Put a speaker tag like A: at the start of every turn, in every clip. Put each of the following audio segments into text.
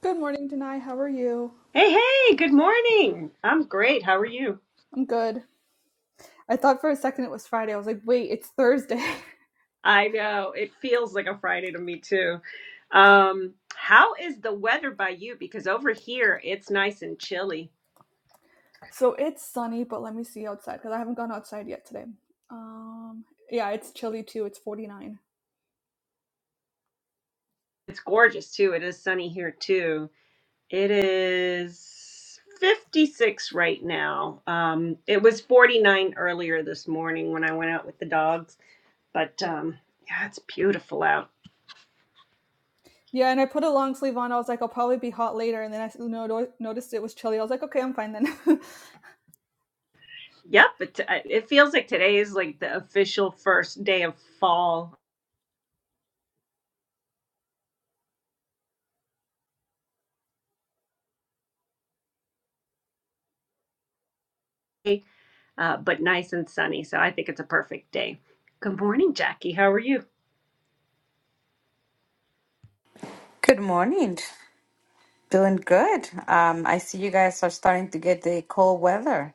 A: Good morning, Denai. How are you?
B: Hey, hey, good morning. I'm great. How are you?
A: I'm good. I thought for a second it was Friday. I was like, wait, it's Thursday.
B: I know it feels like a Friday to me too. Um, how is the weather by you? Because over here it's nice and chilly.
A: so it's sunny, but let me see outside because I haven't gone outside yet today. Um, yeah, it's chilly too. It's 49.
B: It's gorgeous too. It is sunny here too. It is 56 right now. Um, it was 49 earlier this morning when I went out with the dogs, but um, yeah, it's beautiful out.
A: Yeah, and I put a long sleeve on. I was like, I'll probably be hot later. And then I no- noticed it was chilly. I was like, okay, I'm fine then.
B: Yep, it, uh, it feels like today is like the official first day of fall uh, but nice and sunny. So I think it's a perfect day. Good morning, Jackie. How are you?
C: Good morning. Doing good. Um, I see you guys are starting to get the cold weather.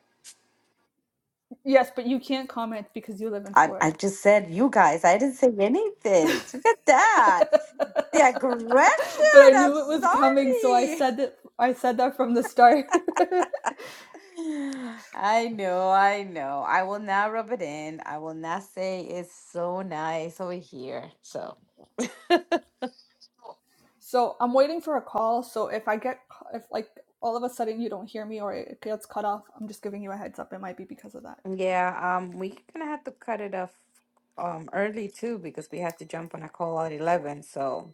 A: yes, but you can't comment because you live in
C: I, I
A: Florida.
C: just said you guys. I didn't say anything. Look at that. The aggression.
A: But I
C: I'm
A: knew it was coming, so I
C: sorry.
A: said that. I said that from the start.
C: I know. I know. I will not rub it in. I will not say it's so nice over here. So
A: So I'm waiting for a call. So if I get, if like all of a sudden you don't hear me or it gets cut off, I'm just giving you a heads up. It might be because of that.
C: yeah, um, we're gonna have to cut it off um early too because we have to jump on a call at eleven. So.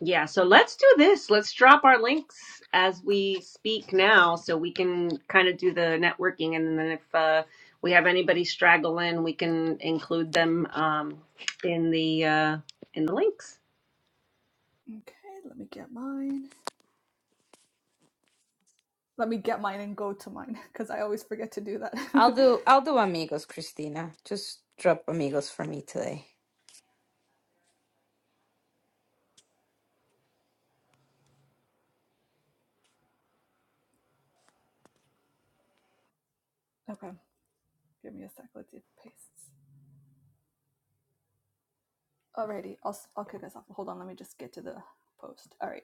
B: Yeah, so let's do this. Let's drop our links as we speak now so we can kind of do the networking. And then if uh, we have anybody straggling, we can include them um, in the uh, in the links.
A: Okay, let me get mine. Let me get mine and go to mine because I always forget to do that.
C: I'll do I'll do amigos, Christina. Just drop amigos for me today.
A: okay, give me a sec. Let's see if it pastes. Alrighty, I'll, i I'll kick us off. Hold on, let me just get to the post. All right.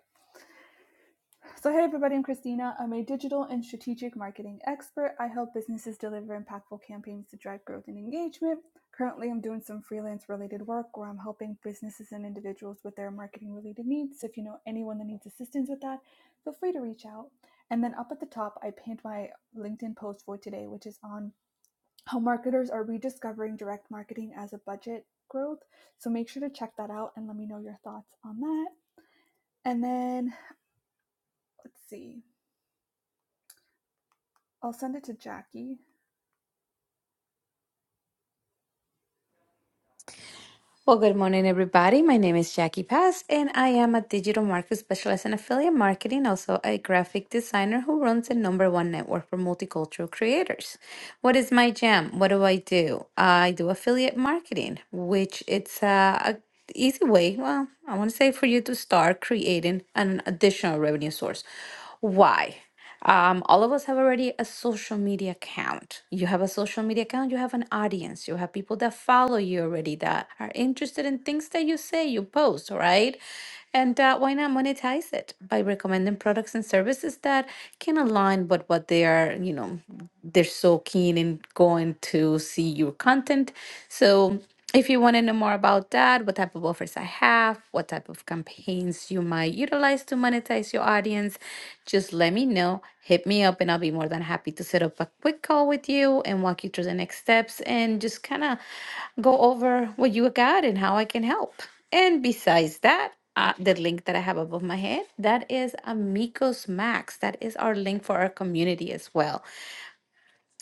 A: So, hey everybody, I'm Christina. I'm a digital and strategic marketing expert. I help businesses deliver impactful campaigns to drive growth and engagement. Currently, I'm doing some freelance related work where I'm helping businesses and individuals with their marketing related needs. So, if you know anyone that needs assistance with that, feel free to reach out. And then up at the top, I pinned my LinkedIn post for today, which is on how marketers are rediscovering direct marketing as a budget growth. So, make sure to check that out and let me know your thoughts on that. And then let's see. I'll send it to Jackie.
C: Well, good morning, everybody. My name is Jackie Paz, and I am a digital marketer specialist in affiliate marketing, also a graphic designer who runs the number one network for multicultural creators. What is my jam? What do I do? I do affiliate marketing, which it's uh, a easy way. Well, I want to say for you to start creating an additional revenue source. Why? Um, all of us have already a social media account. You have a social media account, you have an audience, you have people that follow you already that are interested in things that you say you post, right? And uh, why not monetize it by recommending products and services that can align with what they are, you know they're so keen in going to see your content. So if you want to know more about that, what type of offers I have, what type of campaigns you might utilize to monetize your audience, just let me know. Hit me up and I'll be more than happy to set up a quick call with you and walk you through the next steps and just kind of go over what you got and how I can help. And besides that, uh, the link that I have above my head, that is Amigos Max. That is our link for our community as well.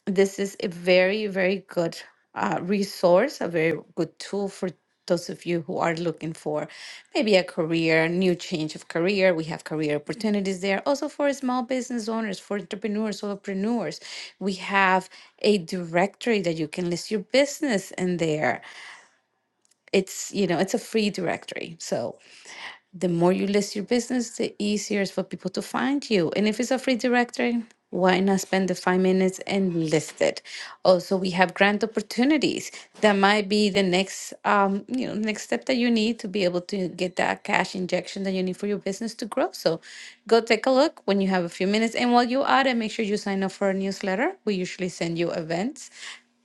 C: This is a very, very good uh, resource, a very good tool for those of you who are looking for maybe a career, new change of career. We have career opportunities there. Also for small business owners, for entrepreneurs, solopreneurs, we have a directory that you can list your business in there. It's, you know, it's a free directory. So the more you list your business, the easier it's for people to find you. And if it's a free directory, why not spend the five minutes and list it? Also, we have grant opportunities that might be the next, um, you know, next step that you need to be able to get that cash injection that you need for your business to grow. So, go take a look when you have a few minutes. And while you're at it, make sure you sign up for a newsletter. We usually send you events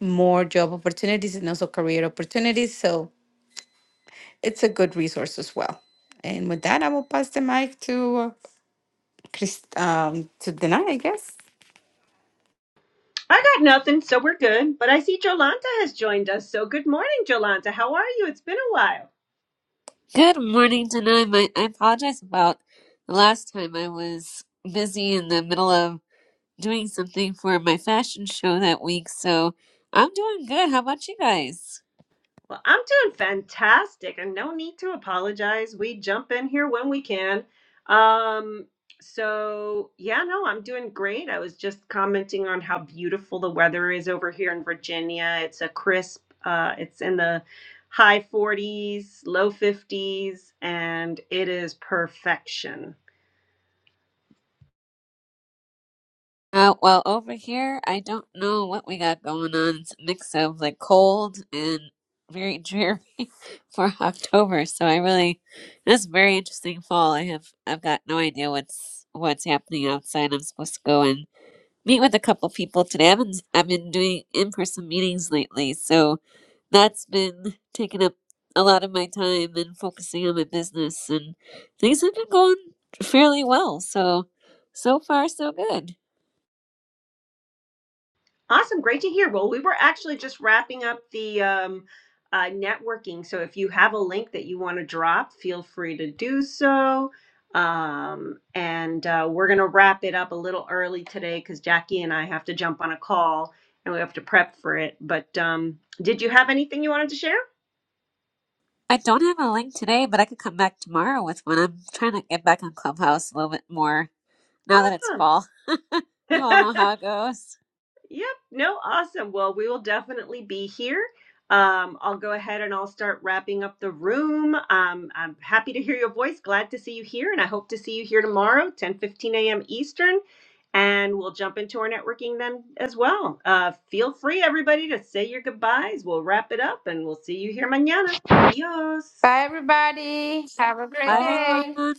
C: more job opportunities and also career opportunities. So it's a good resource as well. And with that, I will pass the mic to uh, Chris, um, to Dana, I guess.
B: I got nothing, so we're good. But I see Jolanta has joined us. So good morning, Jolanta. How are you? It's been a while.
D: Good morning, Denim. I, I apologize about the last time I was busy in the middle of doing something for my fashion show that week, so I'm doing good. How about you guys?
B: Well, I'm doing fantastic and no need to apologize. We jump in here when we can. Um, so yeah, no, I'm doing great. I was just commenting on how beautiful the weather is over here in Virginia. It's a crisp, uh, it's in the high 40s, low 50s, and it is perfection.
D: Uh, well, over here, I don't know what we got going on. It's a mix of like cold and very dreary for October, so I really this is a very interesting fall. I have I've got no idea what's what's happening outside. I'm supposed to go and meet with a couple people today. I've been I've been doing in person meetings lately, so that's been taking up a lot of my time and focusing on my business and things have been going fairly well. So so far so good.
B: Awesome. Great to hear. Well, we were actually just wrapping up the um, uh, networking. So if you have a link that you want to drop, feel free to do so. Um, and uh, we're going to wrap it up a little early today because Jackie and I have to jump on a call and we have to prep for it. But um, did you have anything you wanted to share?
D: I don't have a link today, but I could come back tomorrow with one. I'm trying to get back on Clubhouse a little bit more now that it's fall. you all
B: Awesome.
D: know how it goes.
B: Yep. No, awesome. Well, we will definitely be here. Um, I'll go ahead and I'll start wrapping up the room. Um, I'm happy to hear your voice. Glad to see you here, and I hope to see you here tomorrow, 10 15 a.m. Eastern. And we'll jump into our networking then as well. Uh, feel free, everybody, to say your goodbyes. We'll wrap it up and we'll see you here mañana. Adios.
C: Bye, everybody. Have a
D: Bye
C: great
A: Bye.
C: day.
D: everyone.